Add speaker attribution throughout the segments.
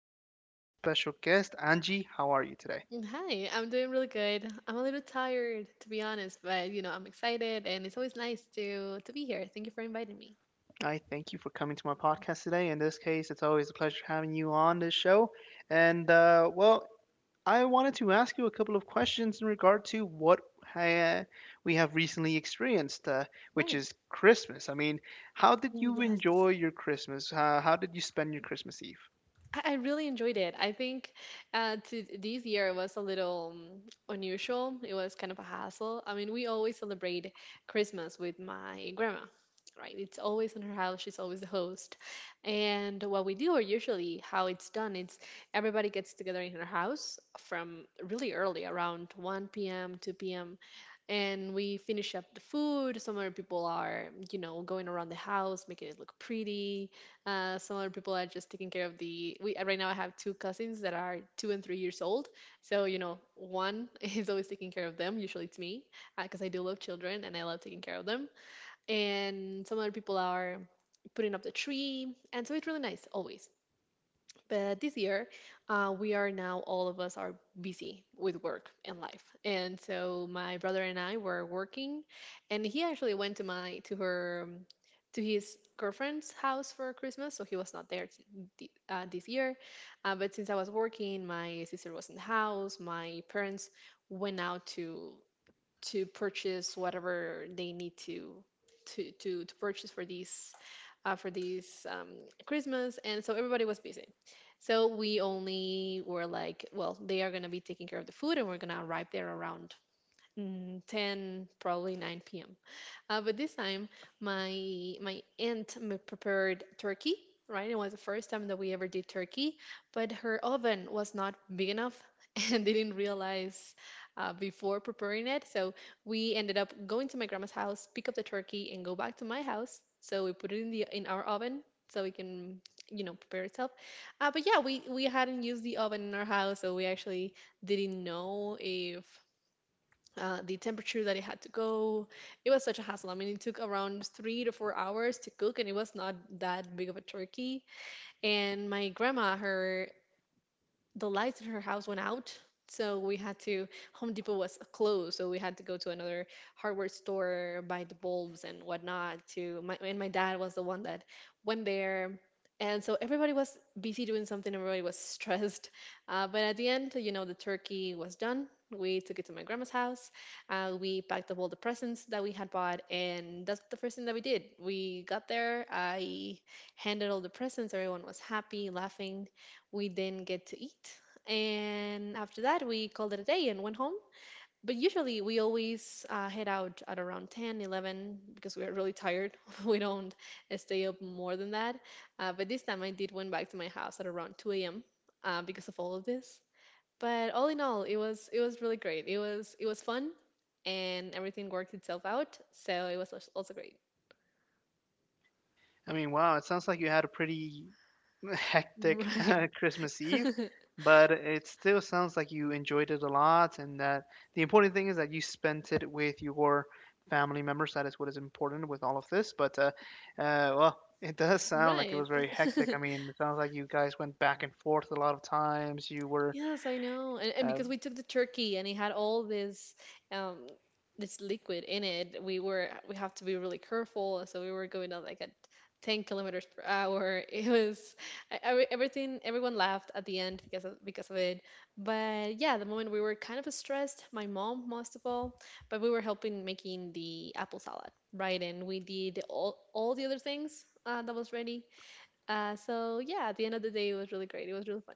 Speaker 1: with a very special guest, Angie. How are you today?
Speaker 2: Mm, hi, I'm doing really good. I'm a little tired, to be honest, but you know, I'm excited and it's always nice to be here. Thank you for inviting me.
Speaker 1: I thank you for coming to my podcast today. In this case, it's always a pleasure having you on this show. And uh, well, I wanted to ask you a couple of questions in regard to what uh, we have recently experienced, which
Speaker 2: Right.
Speaker 1: is Christmas. I mean, how did
Speaker 2: Oh,
Speaker 1: you
Speaker 2: yes.
Speaker 1: enjoy your Christmas? How did you spend your Christmas Eve?
Speaker 2: I really enjoyed it. I think to this year was a little unusual. It was kind of a hassle. I mean, we always celebrate Christmas with my grandma, right? It's always in her house. She's always the host. And what we do, or usually how it's done, it's everybody gets together in her house from really early, around 1 p.m., 2 p.m., and we finish up the food. Some other people are, you know, going around the house, making it look pretty. Some other people are just taking care of the. We right now I have two cousins that are 2 and 3 years old. So one is always taking care of them. Usually it's me because I do love children and I love taking care of them. And some other people are putting up the tree, and so it's really nice always. But this year, we are now all of us are busy with work and life, and so my brother and I were working, and he actually went to my to her to his girlfriend's house for Christmas, so he was not there this year. But since I was working, my sister was in the house. My parents went out to purchase whatever they need to purchase for these Christmas, and so everybody was busy. So we only were like, well, they are gonna be taking care of the food, and we're gonna arrive there around 10, probably 9 p.m. But this time, my aunt prepared turkey. Right, it was the first time that we ever did turkey, but her oven was not big enough, and they didn't realize before preparing it. So we ended up going to my grandma's house, pick up the turkey, and go back to my house. So we put it in our oven so we can prepare itself. But yeah, we hadn't used the oven in our house, so we actually didn't know if the temperature that it had to go. It was such a hassle. I mean, it took around 3 to 4 hours to cook, and it was not that big of a turkey. And my grandma, her the lights in her house went out. So we had to. Home Depot was closed. So we had to go to another hardware store, buy the bulbs and whatnot and my dad was the one that went there. And so everybody was busy doing something. Everybody was stressed. But at the end, you know, the turkey was done. We took it to my grandma's house. We packed up all the presents that we had bought. And that's the first thing that we did. We got there. I handed all the presents. Everyone was happy, laughing. We then get to eat, and after that, we called it a day and went home. But usually, we always head out at around 10, 11 because we are really tired. We don't stay up more than that. But this time, I did went back to my house at around 2 a.m. Because of all of this. But all in all, it was really great. It was fun, and everything worked itself out. So it was also great.
Speaker 1: I mean, wow, it sounds like you had a pretty hectic
Speaker 2: Right.
Speaker 1: Christmas Eve, but it still sounds like you enjoyed it a lot, and that the important thing is that you spent it with your family members. That is what is important with all of this. But it does sound like it
Speaker 2: Right.
Speaker 1: was very hectic. I mean, it sounds like you guys went back and forth a lot of times. You were
Speaker 2: Yes, I know. And
Speaker 1: uh,
Speaker 2: because we took the turkey and it had all um this liquid in it, we have to be really careful. So we were going at 10 kilometers per hour. It was I, everything everyone laughed at the end because of it. But yeah, the moment we were kind of stressed, my mom most of all, but we were helping making the apple salad, right? And we did all the other things that was ready. So yeah, at the end of the day, it was really great. It was really fun,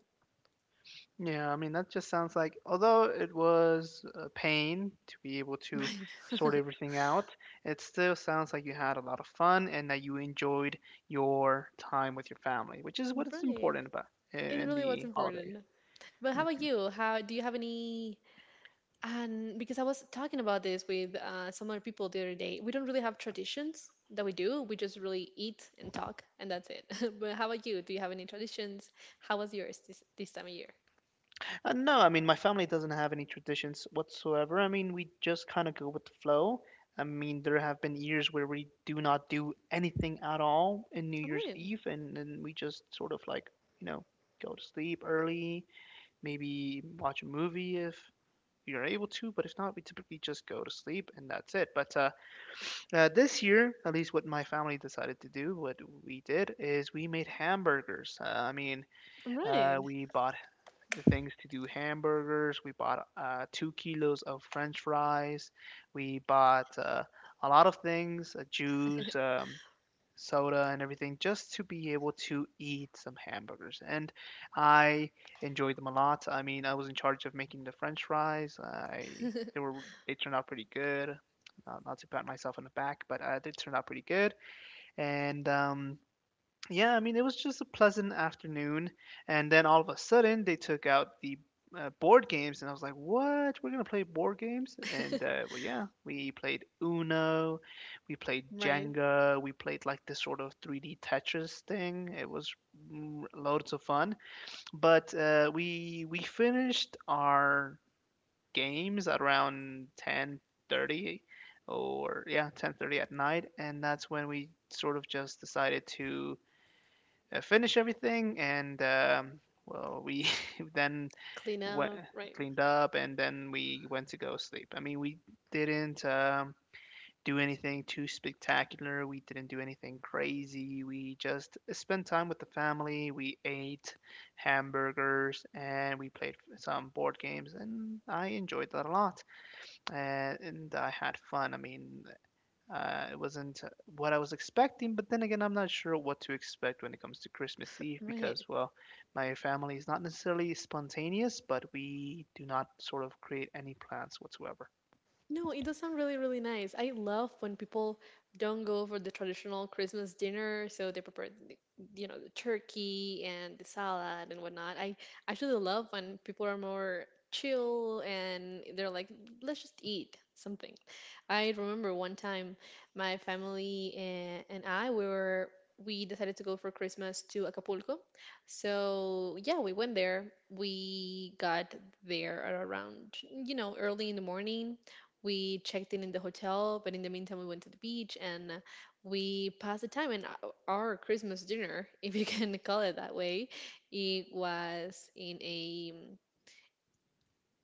Speaker 1: Yeah, I mean, that just sounds like, although it was a pain to be able to
Speaker 2: right?
Speaker 1: sort everything out, it still sounds like you had a lot of fun and that you enjoyed your time with your family, which is what is
Speaker 2: Right.
Speaker 1: important about
Speaker 2: It
Speaker 1: in
Speaker 2: really was
Speaker 1: the holidays.
Speaker 2: important. But how about
Speaker 1: Mhm.
Speaker 2: you? How do you have any? And because I was talking about this with some other people the other day, we don't really have traditions that we do. We just really eat and talk, and that's it. But how about you? Do you have any traditions? How was yours this time of year?
Speaker 1: No, I mean, my family doesn't have any traditions whatsoever. I mean, we just kind of go with the flow. I mean, there have been years where we do not do anything at all in New Year's
Speaker 2: Right.
Speaker 1: Eve, and then we just sort of like, you know, go to sleep early, maybe watch a movie if you're able to, but if not, we typically just go to sleep and that's it. But this year, at least what my family decided to do, what we did is we made hamburgers. I mean,
Speaker 2: Right.
Speaker 1: we bought the things to do hamburgers, we bought 2 kilos of french fries, we bought a lot of things, juice, soda and everything just to be able to eat some hamburgers. And I enjoyed them a lot. I mean, I was in charge of making the French fries. I they were they turned out pretty good. Not to pat myself on the back, but they turned out pretty good. And Yeah, I mean, it was just a pleasant afternoon. And then all of a sudden, they took out the board games, and I was like, what? We're going to play board games? And, well, yeah, we played Uno, we played
Speaker 2: Right.
Speaker 1: Jenga, we played like this sort of 3D Tetris thing. It was loads of fun. But We finished our games at around 10:30, or yeah, 10:30 at night, and that's when we sort of just decided to finish everything, and we then
Speaker 2: Clean
Speaker 1: went,
Speaker 2: up. Right.
Speaker 1: cleaned up, and then we went to go sleep. I mean, we didn't do anything too spectacular. We didn't do anything crazy. We just spent time with the family. We ate hamburgers, and we played some board games, and I enjoyed that a lot, and I had fun. I mean, it wasn't what I was expecting, but then again, I'm not sure what to expect when it comes to Christmas Eve
Speaker 2: Right.
Speaker 1: because, well, my family is not necessarily spontaneous, but we do not sort of create any plans whatsoever.
Speaker 2: No, it does sound really, really nice. I love when people don't go for the traditional Christmas dinner, so they prepare the turkey and the salad and whatnot. I actually love when people are more chill and they're like, let's just eat something. I remember one time my family and I we decided to go for Christmas to Acapulco. So yeah, we went there. We got there at around early in the morning we checked in the hotel, but in the meantime, we went to the beach and we passed the time. And our Christmas dinner, if you can call it that way, it was in a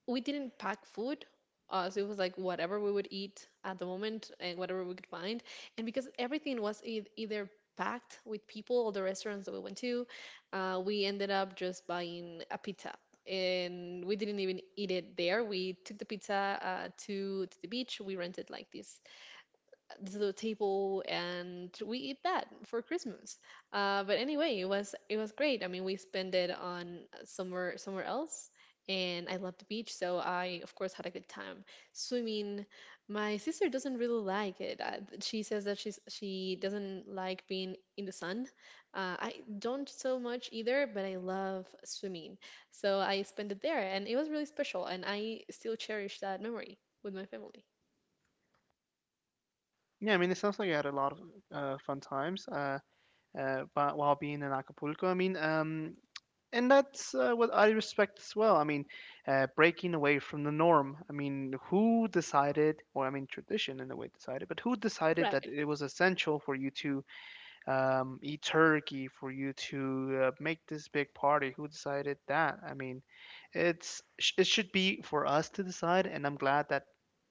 Speaker 2: we didn't pack food. So it was like whatever we would eat at the moment and whatever we could find. And because everything was either packed with people all the restaurants that we went to, we ended up just buying a pizza. And we didn't even eat it there. We took the pizza to the beach. We rented like this to the table and we eat that for Christmas. But anyway, it was great. I mean, we spent it on somewhere else, and I love the beach, so I of course had a good time swimming. My sister doesn't really like it. She says that she doesn't like being in the sun. I don't so much either, but I love swimming, so I spent it there, and it was really special, and I still cherish that memory with my family.
Speaker 1: Yeah, I mean, it sounds like you had a lot of fun times but while being in Acapulco. I mean, and that's what I respect as well. I mean, breaking away from the norm. I mean, who decided, or I mean, tradition in a way decided, but who decided that
Speaker 2: Right,
Speaker 1: it was essential for you to eat turkey, for you to make this big party. Who decided that? I mean, it should be for us to decide, and I'm glad that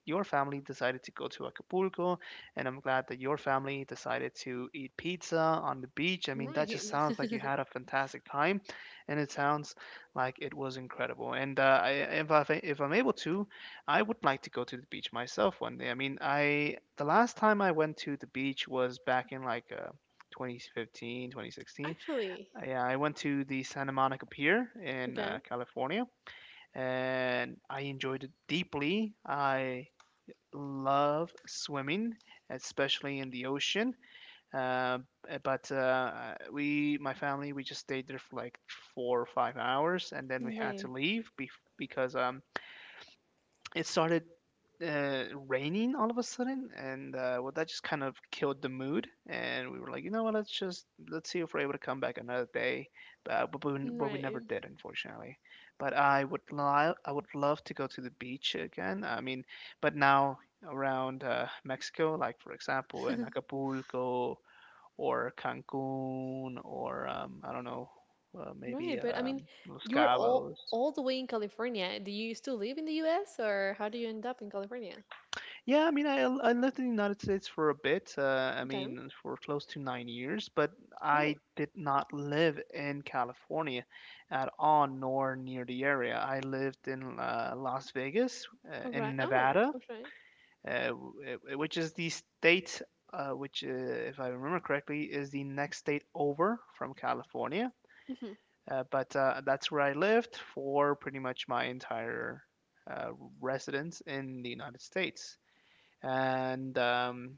Speaker 1: your family decided to go to Acapulco, and I'm glad that your family decided to eat pizza on the beach. I mean,
Speaker 2: right.
Speaker 1: that just sounds like you had a fantastic time, and it sounds like it was incredible. If I 'm able to, I would like to go to the beach myself one day. I mean, I the last time I went to the beach was back in like 2015, 2016.
Speaker 2: Actually,
Speaker 1: I went to the Santa Monica Pier in
Speaker 2: okay.
Speaker 1: California, and I enjoyed it deeply. I love swimming, especially in the ocean. Uh, my family, we just stayed there for like 4 or 5 hours, and then we had
Speaker 2: Right.
Speaker 1: to leave because it started raining all of a sudden, and well, that just kind of killed the mood. And we were like, you know what? Let's see if we're able to come back another day. But we
Speaker 2: Right.
Speaker 1: never did, unfortunately. But I would li- I would love to go to the beach again. I mean, but now around Mexico, like for example in Acapulco or Cancun or I don't know, maybe
Speaker 2: Right, but I mean,
Speaker 1: Los
Speaker 2: you were all
Speaker 1: Cabos.
Speaker 2: all the way in California. Do you still live in the US or how do you end up in California?
Speaker 1: I lived in the United States for a bit. I
Speaker 2: Okay.
Speaker 1: mean, for close to 9 years, but I
Speaker 2: Oh,
Speaker 1: did not live in California at all, nor near the area. I lived in Las Vegas,
Speaker 2: all
Speaker 1: in
Speaker 2: right. Oh,
Speaker 1: Nevada,
Speaker 2: okay.
Speaker 1: which is the state, which, if I remember correctly, is the next state over from California.
Speaker 2: Hmm.
Speaker 1: But That's where I lived for pretty much my entire uh, residence in the United States, and um,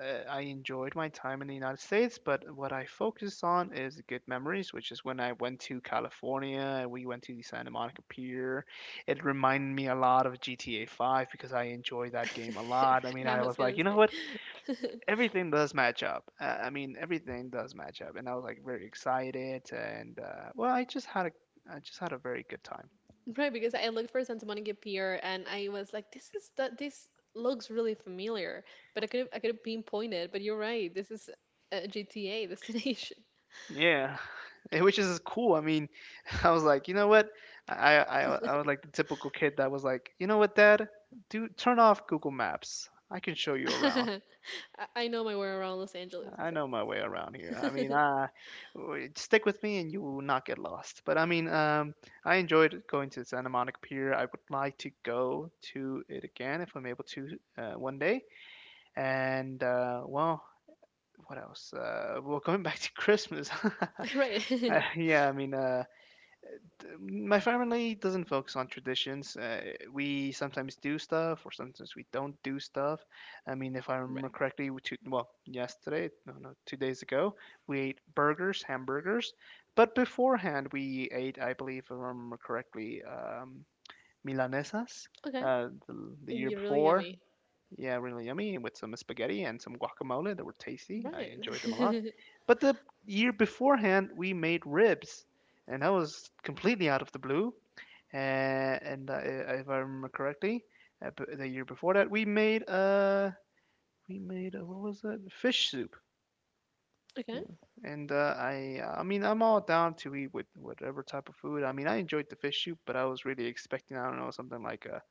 Speaker 1: uh, I enjoyed my time in the United States. But what I focus on is good memories, which is when I went to California and we went to the Santa Monica Pier. It reminded me a lot of GTA 5 because I enjoyed that game a lot. I mean,
Speaker 2: I
Speaker 1: I
Speaker 2: was
Speaker 1: was like,
Speaker 2: gonna
Speaker 1: you know
Speaker 2: say.
Speaker 1: what? Everything does match up. I mean, everything does match up, and I was like very excited. And well, I just had a very good time.
Speaker 2: Right, because I looked for Santa Monica Pier and I was like, this is that this looks really familiar, but I could have pinpointed, but you're right. This is a GTA destination.
Speaker 1: Yeah, which is cool. I mean, I was like, you know what? I was like the typical kid that was like, you know what, Dad? Do turn off Google Maps. I can show you around.
Speaker 2: I I know my way around Los Angeles,
Speaker 1: I know my way around here. Stick with me and you will not get lost. But I mean, I enjoyed going to Santa Monica Pier. I would like to go to it again if I'm able to, one day. And well, what else? Well, going back to Christmas.
Speaker 2: right.
Speaker 1: Uh, yeah, I mean, uh, my family doesn't focus on traditions. We sometimes do stuff, or sometimes we don't do stuff. I mean, if I remember
Speaker 2: right.
Speaker 1: correctly, well, yesterday, no, no, 2 days ago, we ate burgers, hamburgers. But beforehand, we ate, I believe, if I remember correctly, milanesas
Speaker 2: Okay.
Speaker 1: the year
Speaker 2: You're really
Speaker 1: before.
Speaker 2: yummy.
Speaker 1: Yeah, really yummy, with some spaghetti and some guacamole that were tasty. I
Speaker 2: Right.
Speaker 1: enjoyed them a lot. But the year beforehand, we made ribs, and that was completely out of the blue. And If I remember correctly, the year before that, we made what was it? Fish soup.
Speaker 2: Okay.
Speaker 1: And I mean, I'm all down to eat with whatever type of food. I mean, I enjoyed the fish soup, but I was really expecting, I don't know, something like a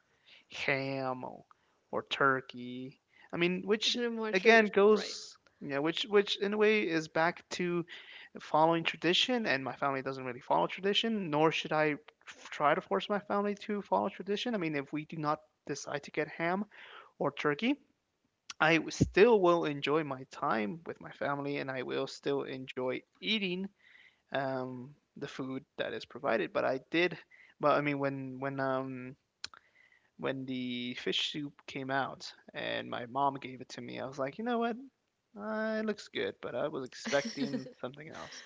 Speaker 1: ham or turkey. I mean, which
Speaker 2: They're more
Speaker 1: again
Speaker 2: traditional, right?
Speaker 1: goes, yeah, which in a way is back to following tradition, and my family doesn't really follow tradition, nor should I try to force my family to follow tradition. I mean, if we do not decide to get ham or turkey, still will enjoy my time with my family, and I will still enjoy eating the food that is provided. But I mean, when the fish soup came out and my mom gave it to me, I was like, you know what? It looks good, but I was expecting something else.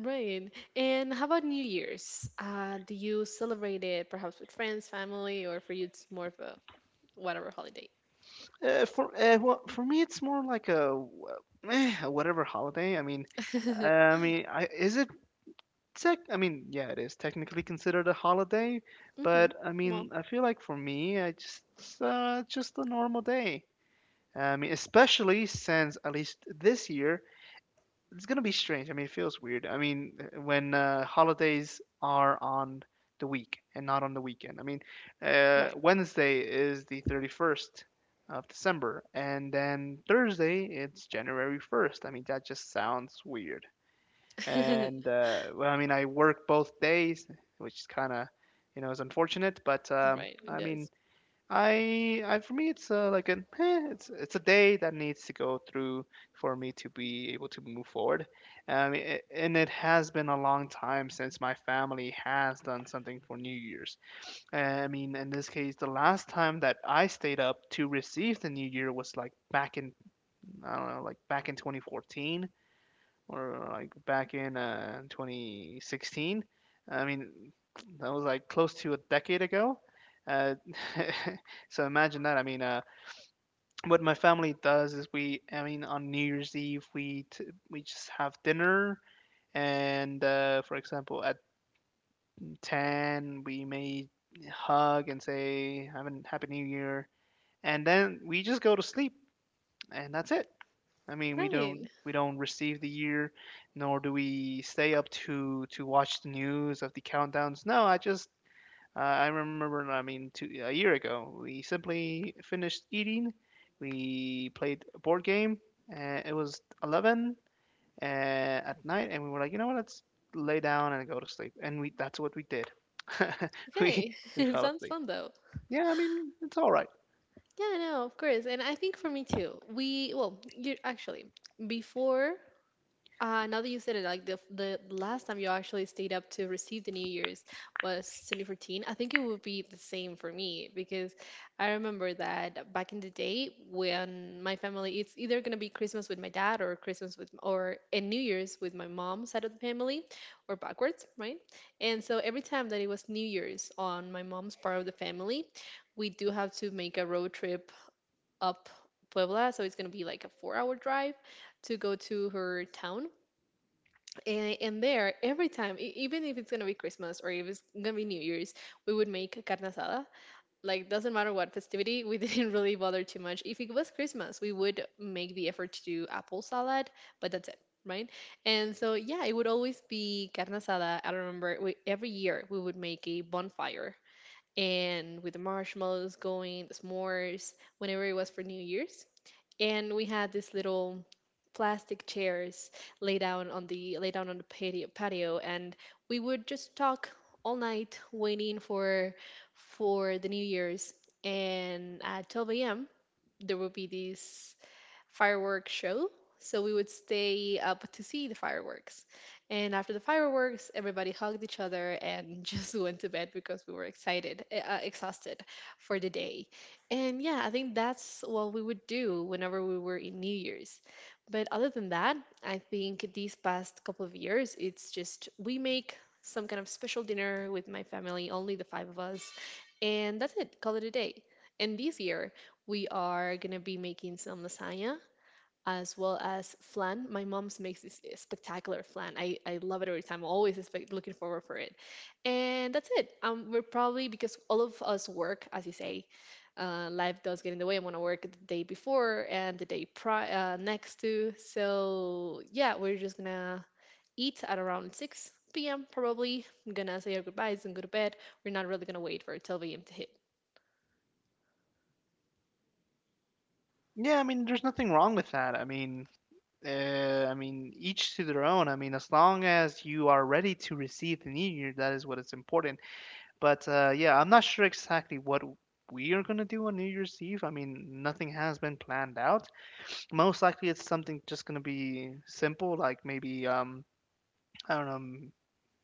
Speaker 2: Right. And how about New Year's? Do you celebrate it perhaps with friends, family, or for you it's more of a whatever holiday?
Speaker 1: For Well, for me, it's more like a, a whatever holiday. I mean,
Speaker 2: Mm-hmm.
Speaker 1: is it tech? I mean, yeah, it is technically considered a holiday, but I
Speaker 2: Well,
Speaker 1: mean, I feel like for me, I just it's, just a normal day. I mean, especially since at least this year, it's gonna be strange. I mean, it feels weird. I mean, when holidays are on the week and not on the weekend. I mean,
Speaker 2: right.
Speaker 1: Wednesday is the 31st of December, and then Thursday it's January 1st. I mean, that just sounds weird.
Speaker 2: right.
Speaker 1: And well, I mean, I work both days, which is kind of, you know, is unfortunate. But
Speaker 2: It
Speaker 1: I mean,
Speaker 2: does.
Speaker 1: I for me, it's like an eh, it's a day that needs to go through for me to be able to move forward. And it has been a long time since my family has done something for New Year's. In this case, the last time that I stayed up to receive the New Year was like back in I don't know, like back in 2014 or like back in 2016. I mean, that was like close to a decade ago. Uh, so imagine that. What my family does is, on New Year's Eve we just have dinner, and for example, at 10 we may hug and say have a happy New Year, and then we just go to sleep, and that's it. I mean, we don't
Speaker 2: Right.
Speaker 1: we don't receive the year, nor do we stay up to watch the news of the countdowns. No, I just I remember. I mean, A year ago, we simply finished eating. We played a board game. And it was 11 at night, and we were like, you know what? Let's lay down and go to sleep. And we that's what we did. we
Speaker 2: Okay.
Speaker 1: we
Speaker 2: It
Speaker 1: fell
Speaker 2: sounds
Speaker 1: asleep.
Speaker 2: fun though.
Speaker 1: Yeah, I mean, it's all right.
Speaker 2: Yeah, no, of course. And I think for me too. We, well, you actually, before now that you said it, like the last time you actually stayed up to receive the New Year's was 2014. I think it would be the same for me because I remember that back in the day when my family, it's either gonna be Christmas with my dad or Christmas with or and New Year's with my mom side of the family, or backwards, right? And so every time that it was New Year's on my mom's part of the family, we do have to make a road trip up Puebla, so it's gonna be like a 4-hour drive to go to her town and there, every time, even if it's gonna be Christmas or if it's gonna be New Year's, we would make carne asada. Like, doesn't matter what festivity, we didn't really bother too much. If it was Christmas, we would make the effort to do apple salad, but that's it, right? And so, yeah, it would always be carne asada. I remember every year we would make a bonfire and with the marshmallows going, the s'mores, whenever it was for New Year's and we had this little plastic chairs laid down on the laid down on the patio and we would just talk all night waiting for the new year's and at 12 a.m. there would be this fireworks show. So we would stay up to see the fireworks. And after the fireworks, everybody hugged each other and just went to bed because we were exhausted for the day. And yeah, I think that's what we would do whenever we were in New Year's. But other than that, I think these past couple of years, it's just we make some kind of special dinner with my family, only the five of us, and that's it, call it a day. And this year, we are gonna be making some lasagna as well as flan. My mom's makes this spectacular flan. I love it every time. I'm always looking forward for it. And that's it. We're probably because all of us work, as you say, life does get in the way. I'm gonna work the day before and the day next to. So yeah, we're just gonna eat at around six p.m. probably. I'm gonna say our goodbyes and go to bed. We're not really gonna wait for 12 a.m. to
Speaker 1: Yeah, there's nothing wrong with that. I mean, each to their own. I mean, as long as you are ready to receive the new year, that is what is important. But yeah, I'm not sure exactly what we are gonna do on New Year's Eve. I mean, nothing has been planned out. Most likely, it's something just gonna be simple, like maybe I don't know,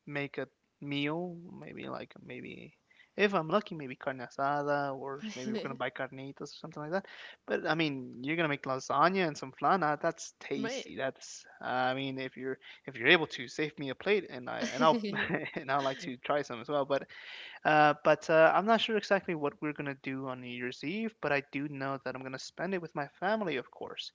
Speaker 1: make a meal, maybe if I'm lucky, maybe carne asada, or maybe we're
Speaker 2: hit.
Speaker 1: gonna buy carnitas or something like that. But I mean, you're gonna make lasagna and some flan. That's
Speaker 2: Right.
Speaker 1: tasty. If you're if you're able to save me a plate, and I'll and I'd like to try some as well. But I'm not sure exactly what we're gonna do on New Year's Eve. But I do know that I'm gonna spend it with my family, of course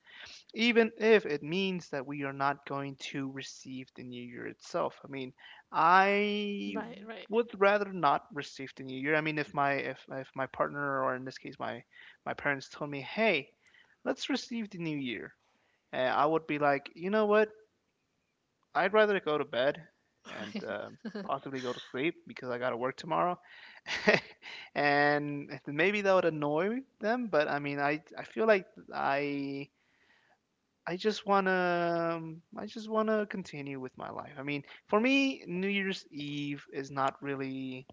Speaker 1: even if it means that we are not going to receive the new year itself. I mean, I
Speaker 2: Right. Right.
Speaker 1: would rather not receive the new year. I mean, if my partner or in this case my parents told me, "Hey, let's receive the new year," I would be like, you know what? I'd rather go to bed and possibly go to sleep because I got to work tomorrow. and maybe that would annoy them, but I feel like I I just wanna I just wanna continue with my life. I mean, for me, New Year's Eve is not really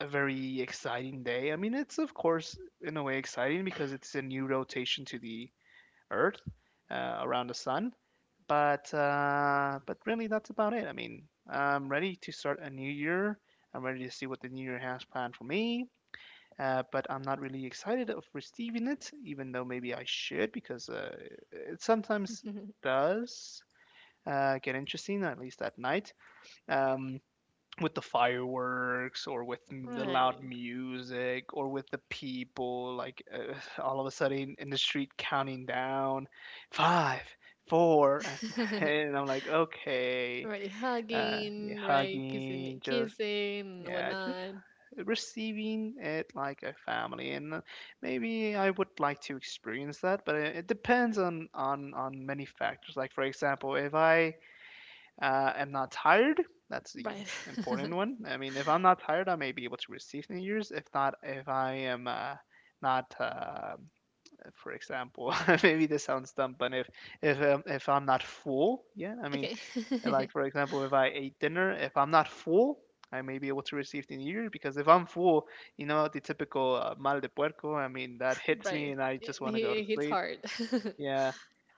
Speaker 1: a very exciting day. I mean, it's of course in a way exciting because it's a new rotation to the Earth around the sun, but really that's about it. I mean, I'm ready to start a new year. I'm ready to see what the new year has planned for me but I'm not really excited of receiving it, even though maybe I should because it sometimes
Speaker 2: Right.
Speaker 1: does get interesting, at least at night, um, with the fireworks or with the loud
Speaker 2: Right.
Speaker 1: music or with the people, like all of a sudden in the street counting down five. Four and, and I'm like okay,
Speaker 2: Right.
Speaker 1: yeah,
Speaker 2: Hugging, right? Kissing,
Speaker 1: hugging, just
Speaker 2: kissing,
Speaker 1: yeah, just
Speaker 2: whatnot.
Speaker 1: receiving it like a family, and maybe I would like to experience that, but it depends on many factors. Like for example, if I am not tired, that's the
Speaker 2: Right.
Speaker 1: important one. I mean, if I'm not tired, I may be able to receive New Year's. If not, if I am not for example maybe this sounds dumb but if I'm not full yeah I mean
Speaker 2: Okay.
Speaker 1: and like for example, if I ate dinner, if I'm not full, I may be able to receive the New Year because if I'm full, you know the typical mal de puerco. I mean that hits me,
Speaker 2: Right.
Speaker 1: and I
Speaker 2: It,
Speaker 1: just want to go to
Speaker 2: he, it's
Speaker 1: sleep.
Speaker 2: hard. That's
Speaker 1: Yeah,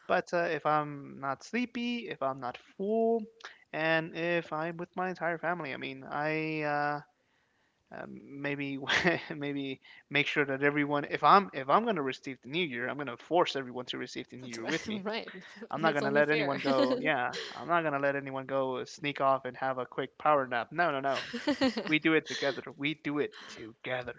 Speaker 1: but uh, if I'm not sleepy, if I'm not full, and if I'm with my entire family, I mean I. Maybe maybe make sure that everyone if i'm going to receive the new year I'm going to force everyone to receive the new year
Speaker 2: right.
Speaker 1: with me.
Speaker 2: Right.
Speaker 1: I'm
Speaker 2: Yeah,
Speaker 1: not
Speaker 2: it's
Speaker 1: gonna
Speaker 2: only
Speaker 1: let anyone
Speaker 2: fair.
Speaker 1: go. Yeah, I'm not gonna let anyone go sneak off and have a quick power nap. No, no, no. We do it together. We do it together.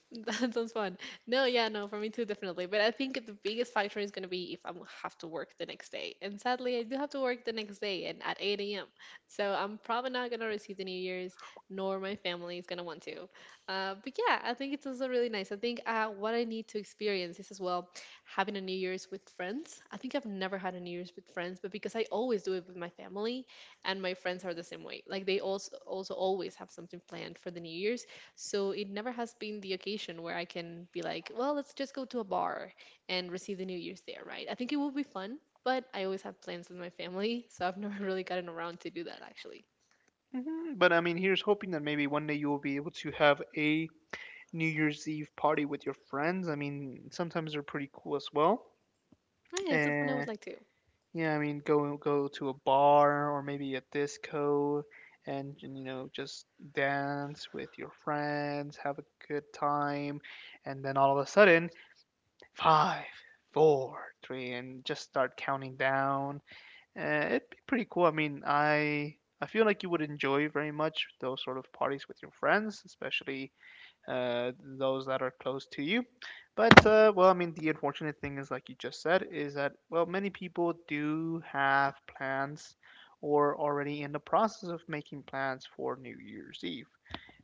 Speaker 2: That sounds fun. No, yeah, no, for me too, definitely. But I think the biggest factor is going to be if I'm gonna have to work the next day. And sadly, I do have to work the next day and at 8 a.m. So I'm probably not going to receive the New Year's, nor my family is going to want to. But yeah, I think it's also really nice. I think what I need to experience is as well having a New Year's with friends. I think I've never had a New Year's with friends, but because I always do it with my family, and my friends are the same way. Like they also always have something planned for the New Year's. So it never has been the occasion where I can be like, well, let's just go to a bar and receive the New Year's there, right? I think it will be fun, but I always have plans with my family, so I've never really gotten around to do that actually.
Speaker 1: But I mean, here's hoping that maybe one day you will be able to have a New Year's Eve party with your friends. I mean, sometimes they're pretty cool as well.
Speaker 2: Oh, yeah, it's something I would
Speaker 1: And
Speaker 2: like to.
Speaker 1: yeah, I mean, go to a bar or maybe a disco and you know just dance with your friends, have a good time, and then all of a sudden five, four, three, and just start counting down. It'd be pretty cool. I feel like you would enjoy very much those sort of parties with your friends, especially those that are close to you. But well, I mean, the unfortunate thing is, like you just said, is that well, many people do have plans or already in the process of making plans for New Year's Eve.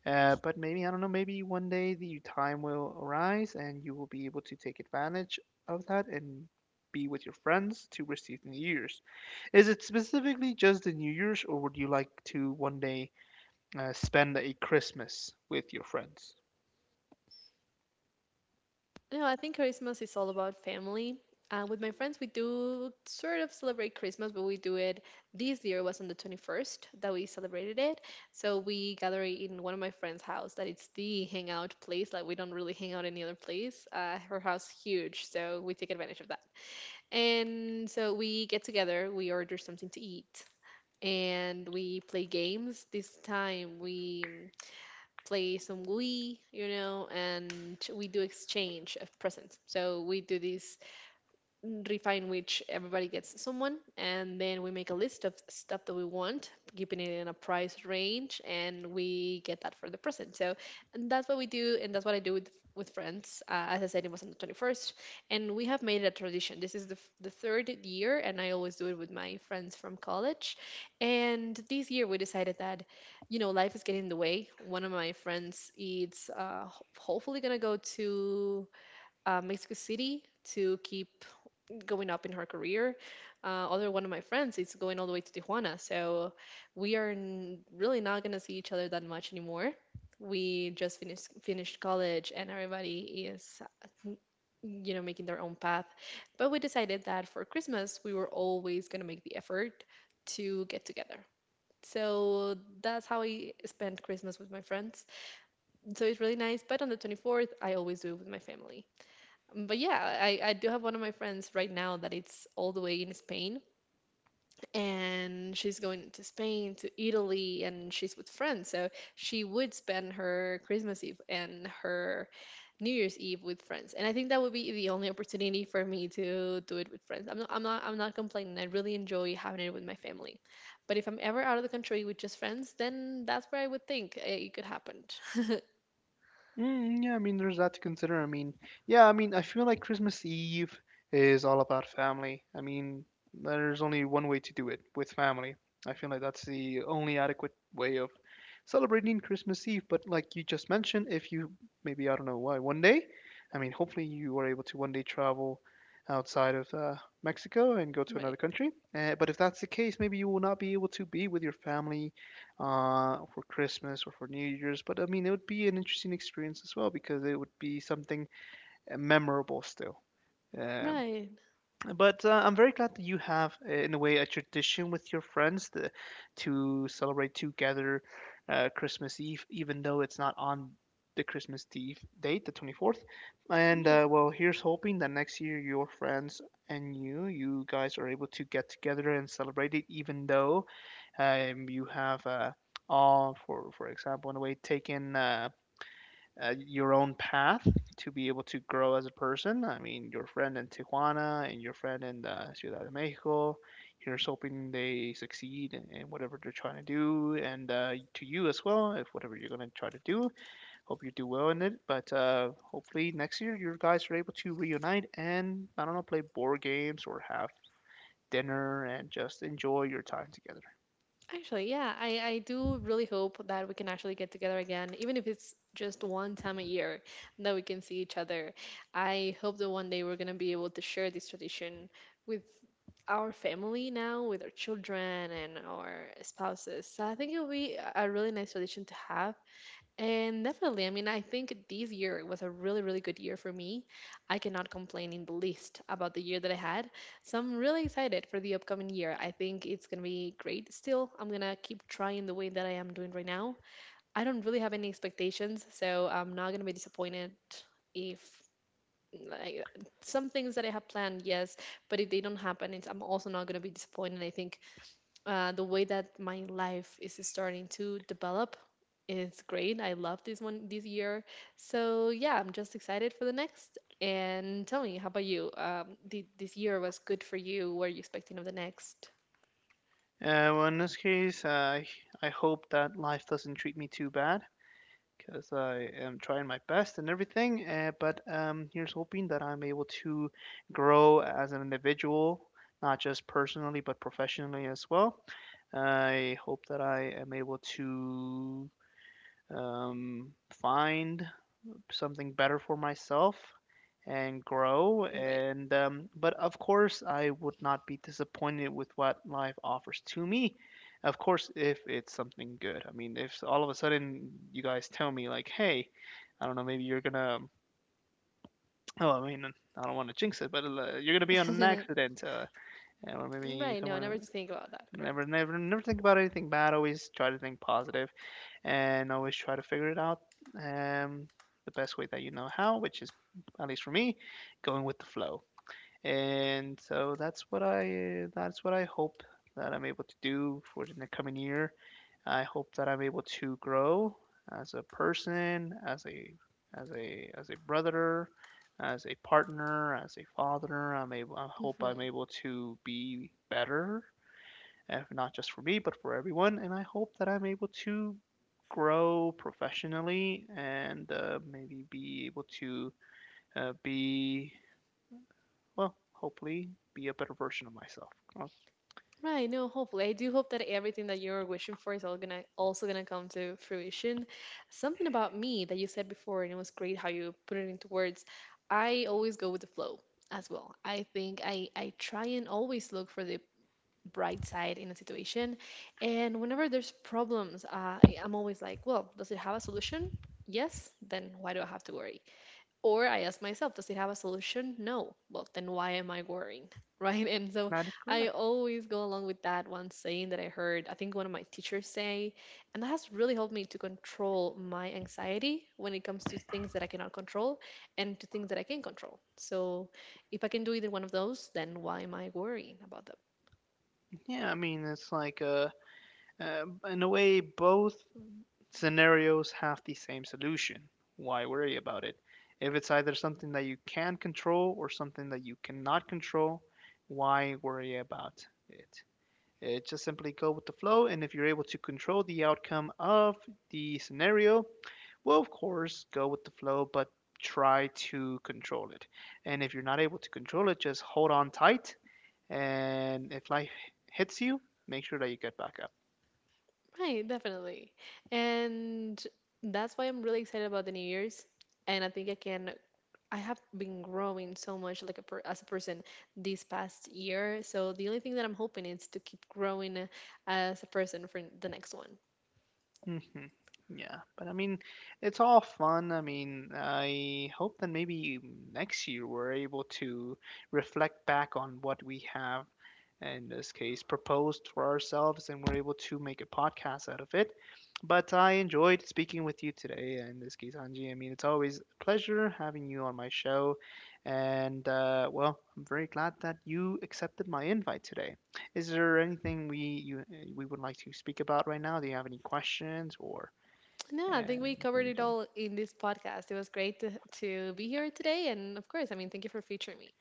Speaker 1: But maybe, I don't know, maybe one day the time will arise and you will be able to take advantage of that and be with your friends to receive the New Year's. Is it specifically just the New Year's, or would you like to one day spend a Christmas with your friends?
Speaker 2: No, I think Christmas is all about family. With my friends, we do sort of celebrate Christmas, but we do it this year was on the 21st that we celebrated it. So we gather in one of my friend's house that it's the hangout place. Like we don't really hang out any other place. Her house huge, so we take advantage of that. And so we get together, we order something to eat, and we play games. This time we play some Wii, you know, and we do exchange of presents. So we do this refine which everybody gets someone, and then we make a list of stuff that we want, keeping it in a price range, and we get that for the present. So and that's what we do, and that's what I do with friends, as I said, it was on the 21st, and we have made it a tradition. This is the, the third year, and I always do it with my friends from college. And this year, we decided that, you know, life is getting in the way. One of my friends is hopefully gonna go to Mexico City to keep going up in her career. Other one of my friends is going all the way to Tijuana, so we are really not gonna see each other that much anymore. We just finished college, and everybody is, you know, making their own path. But we decided that for Christmas, we were always gonna make the effort to get together. So that's how I spent Christmas with my friends. So it's really nice. But on the 24th, I always do it with my family. But yeah, I do have one of my friends right now that it's all the way in Spain, and she's going to Spain, to Italy, and she's with friends. So she would spend her Christmas Eve and her New Year's Eve with friends. And I think that would be the only opportunity for me to do it with friends. I'm not complaining. I really enjoy having it with my family. But if I'm ever out of the country with just friends, then that's where I would think it could happen.
Speaker 1: Mm, yeah, I mean, there's that to consider. I mean, I feel like Christmas Eve is all about family. I mean, there's only one way to do it with family. I feel like that's the only adequate way of celebrating Christmas Eve. But like you just mentioned, if you maybe, I don't know why, one day, I mean, hopefully you are able to one day travel outside of Mexico and go to another country. But if that's the case, maybe you will not be able to be with your family for Christmas or for New Year's. But I mean, it would be an interesting experience as well because it would be something memorable still. Um,
Speaker 2: Right.
Speaker 1: but I'm very glad that you have, in a way, a tradition with your friends to celebrate together Christmas Eve, even though it's not on the Christmas Eve date, the 24th. And
Speaker 2: Right.
Speaker 1: well, here's hoping that next year your friends and you guys are able to get together and celebrate it, even though you have all for example in a way taken your own path to be able to grow as a person. I mean your friend in tijuana and your friend in the ciudad de mexico, you, here's hoping they succeed in whatever they're trying to do and to you as well if whatever you're going to try to do, hope you do well in it. But hopefully next year your guys are able to reunite and I don't know play board games or have dinner and just enjoy your time together.
Speaker 2: Actually, yeah, I do really hope that we can actually get together again, even if it's just one time a year that we can see each other. I hope that one day we're going to be able to share this tradition with our family now, with our children and our spouses. So I think it'll be a really nice tradition to have. And definitely, I mean, I think this year was a really, really good year for me. I cannot complain in the least about the year that I had. So I'm really excited for the upcoming year. I think it's going to be great still. I'm going to keep trying the way that I am doing right now. I don't really have any expectations, so I'm not going to be disappointed if, like, some things that I have planned, yes, but if they don't happen, it's, I'm also not going to be disappointed. I think the way that my life is starting to develop is great. I love this one this year. So yeah, I'm just excited for the next. And tell me, how about you? This year was good for you. What are you expecting of the next?
Speaker 1: Well, in this case, I hope that life doesn't treat me too bad because I am trying my best and everything. But here's hoping that I'm able to grow as an individual, not just personally but professionally as well. I hope that I am able to find something better for myself and grow
Speaker 2: Right.
Speaker 1: and but of course I would not be disappointed with what life offers to me. Of course if it's something good. I mean if all of a sudden you guys tell me like hey I don't know maybe you're gonna oh I mean I don't want to jinx it but you're gonna be on an accident or maybe
Speaker 2: Right. No,
Speaker 1: someone.
Speaker 2: never to think about that.
Speaker 1: Never
Speaker 2: Correct.
Speaker 1: never never think about anything bad, always try to think positive and always try to figure it out um, the best way that you know how, which is at least for me, going with the flow. And so that's what I hope that I'm able to do for the coming year. I hope that I'm able to grow as a person, as a brother, as a partner, as a father. I hope I'm
Speaker 2: Hmm.
Speaker 1: able to be better not just for me, but for everyone. And I hope that I'm able to grow professionally and maybe be able to uh, be, well, hopefully be a better version of myself. Oh,
Speaker 2: Right, no, hopefully. I do hope that everything that you're wishing for is all gonna also gonna come to fruition. Something about me that you said before, and it was great how you put it into words. I always go with the flow as well. I think I try and always look for the bright side in a situation. And whenever there's problems, I'm always like, well, does it have a solution? Yes, then why do I have to worry? Or I ask myself, does it have a solution? No. Well, then why am I worrying? Right. And so
Speaker 1: that is
Speaker 2: I
Speaker 1: correct.
Speaker 2: always go along with that one saying that I heard, I think, one of my teachers say, and that has really helped me to control my anxiety when it comes to things that I cannot control and to things that I can control. So if I can do either one of those, then why am I worrying about them?
Speaker 1: Yeah, uh, in a way, both scenarios have the same solution. Why worry about it? If it's either something that you can control or something that you cannot control, why worry about it? It just simply go with the flow, and if you're able to control the outcome of the scenario, well, of course, go with the flow, but try to control it. And if you're not able to control it, just hold on tight. And if life hits you, make sure that you get back up.
Speaker 2: Right. Definitely. And that's why I'm really excited about the New Year's. And I think I can I have been growing so much like as a person this past year. So the only thing that I'm hoping is to keep growing, as a person for the next one.
Speaker 1: hmm Yeah, but I mean, it's all fun. I mean, I hope that maybe next year we're able to reflect back on what we have in this case proposed for ourselves and we're able to make a podcast out of it. But I enjoyed speaking with you today, in this case, Anji. I mean, it's always a pleasure having you on my show. And well, I'm very glad that you accepted my invite today. Is there anything we would like to speak about right now? Do you have any questions or
Speaker 2: No, I think we
Speaker 1: anything
Speaker 2: covered
Speaker 1: in
Speaker 2: it
Speaker 1: general?
Speaker 2: all in this podcast. It was great to be here today. And of course, I mean, thank you for featuring me.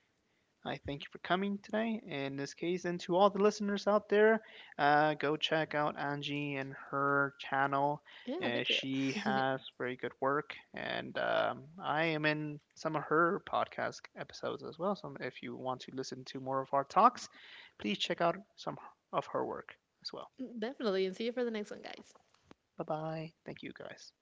Speaker 1: I thank you for coming today. In this case, and to all the listeners out there, go check out Angie and her channel.
Speaker 2: Yeah, thank
Speaker 1: She
Speaker 2: you.
Speaker 1: has very good work, and I am in some of her podcast episodes as well. So if you want to listen to more of our talks, please check out some of her work as well.
Speaker 2: Definitely. And see you for the next one, guys.
Speaker 1: Bye bye. Thank you guys.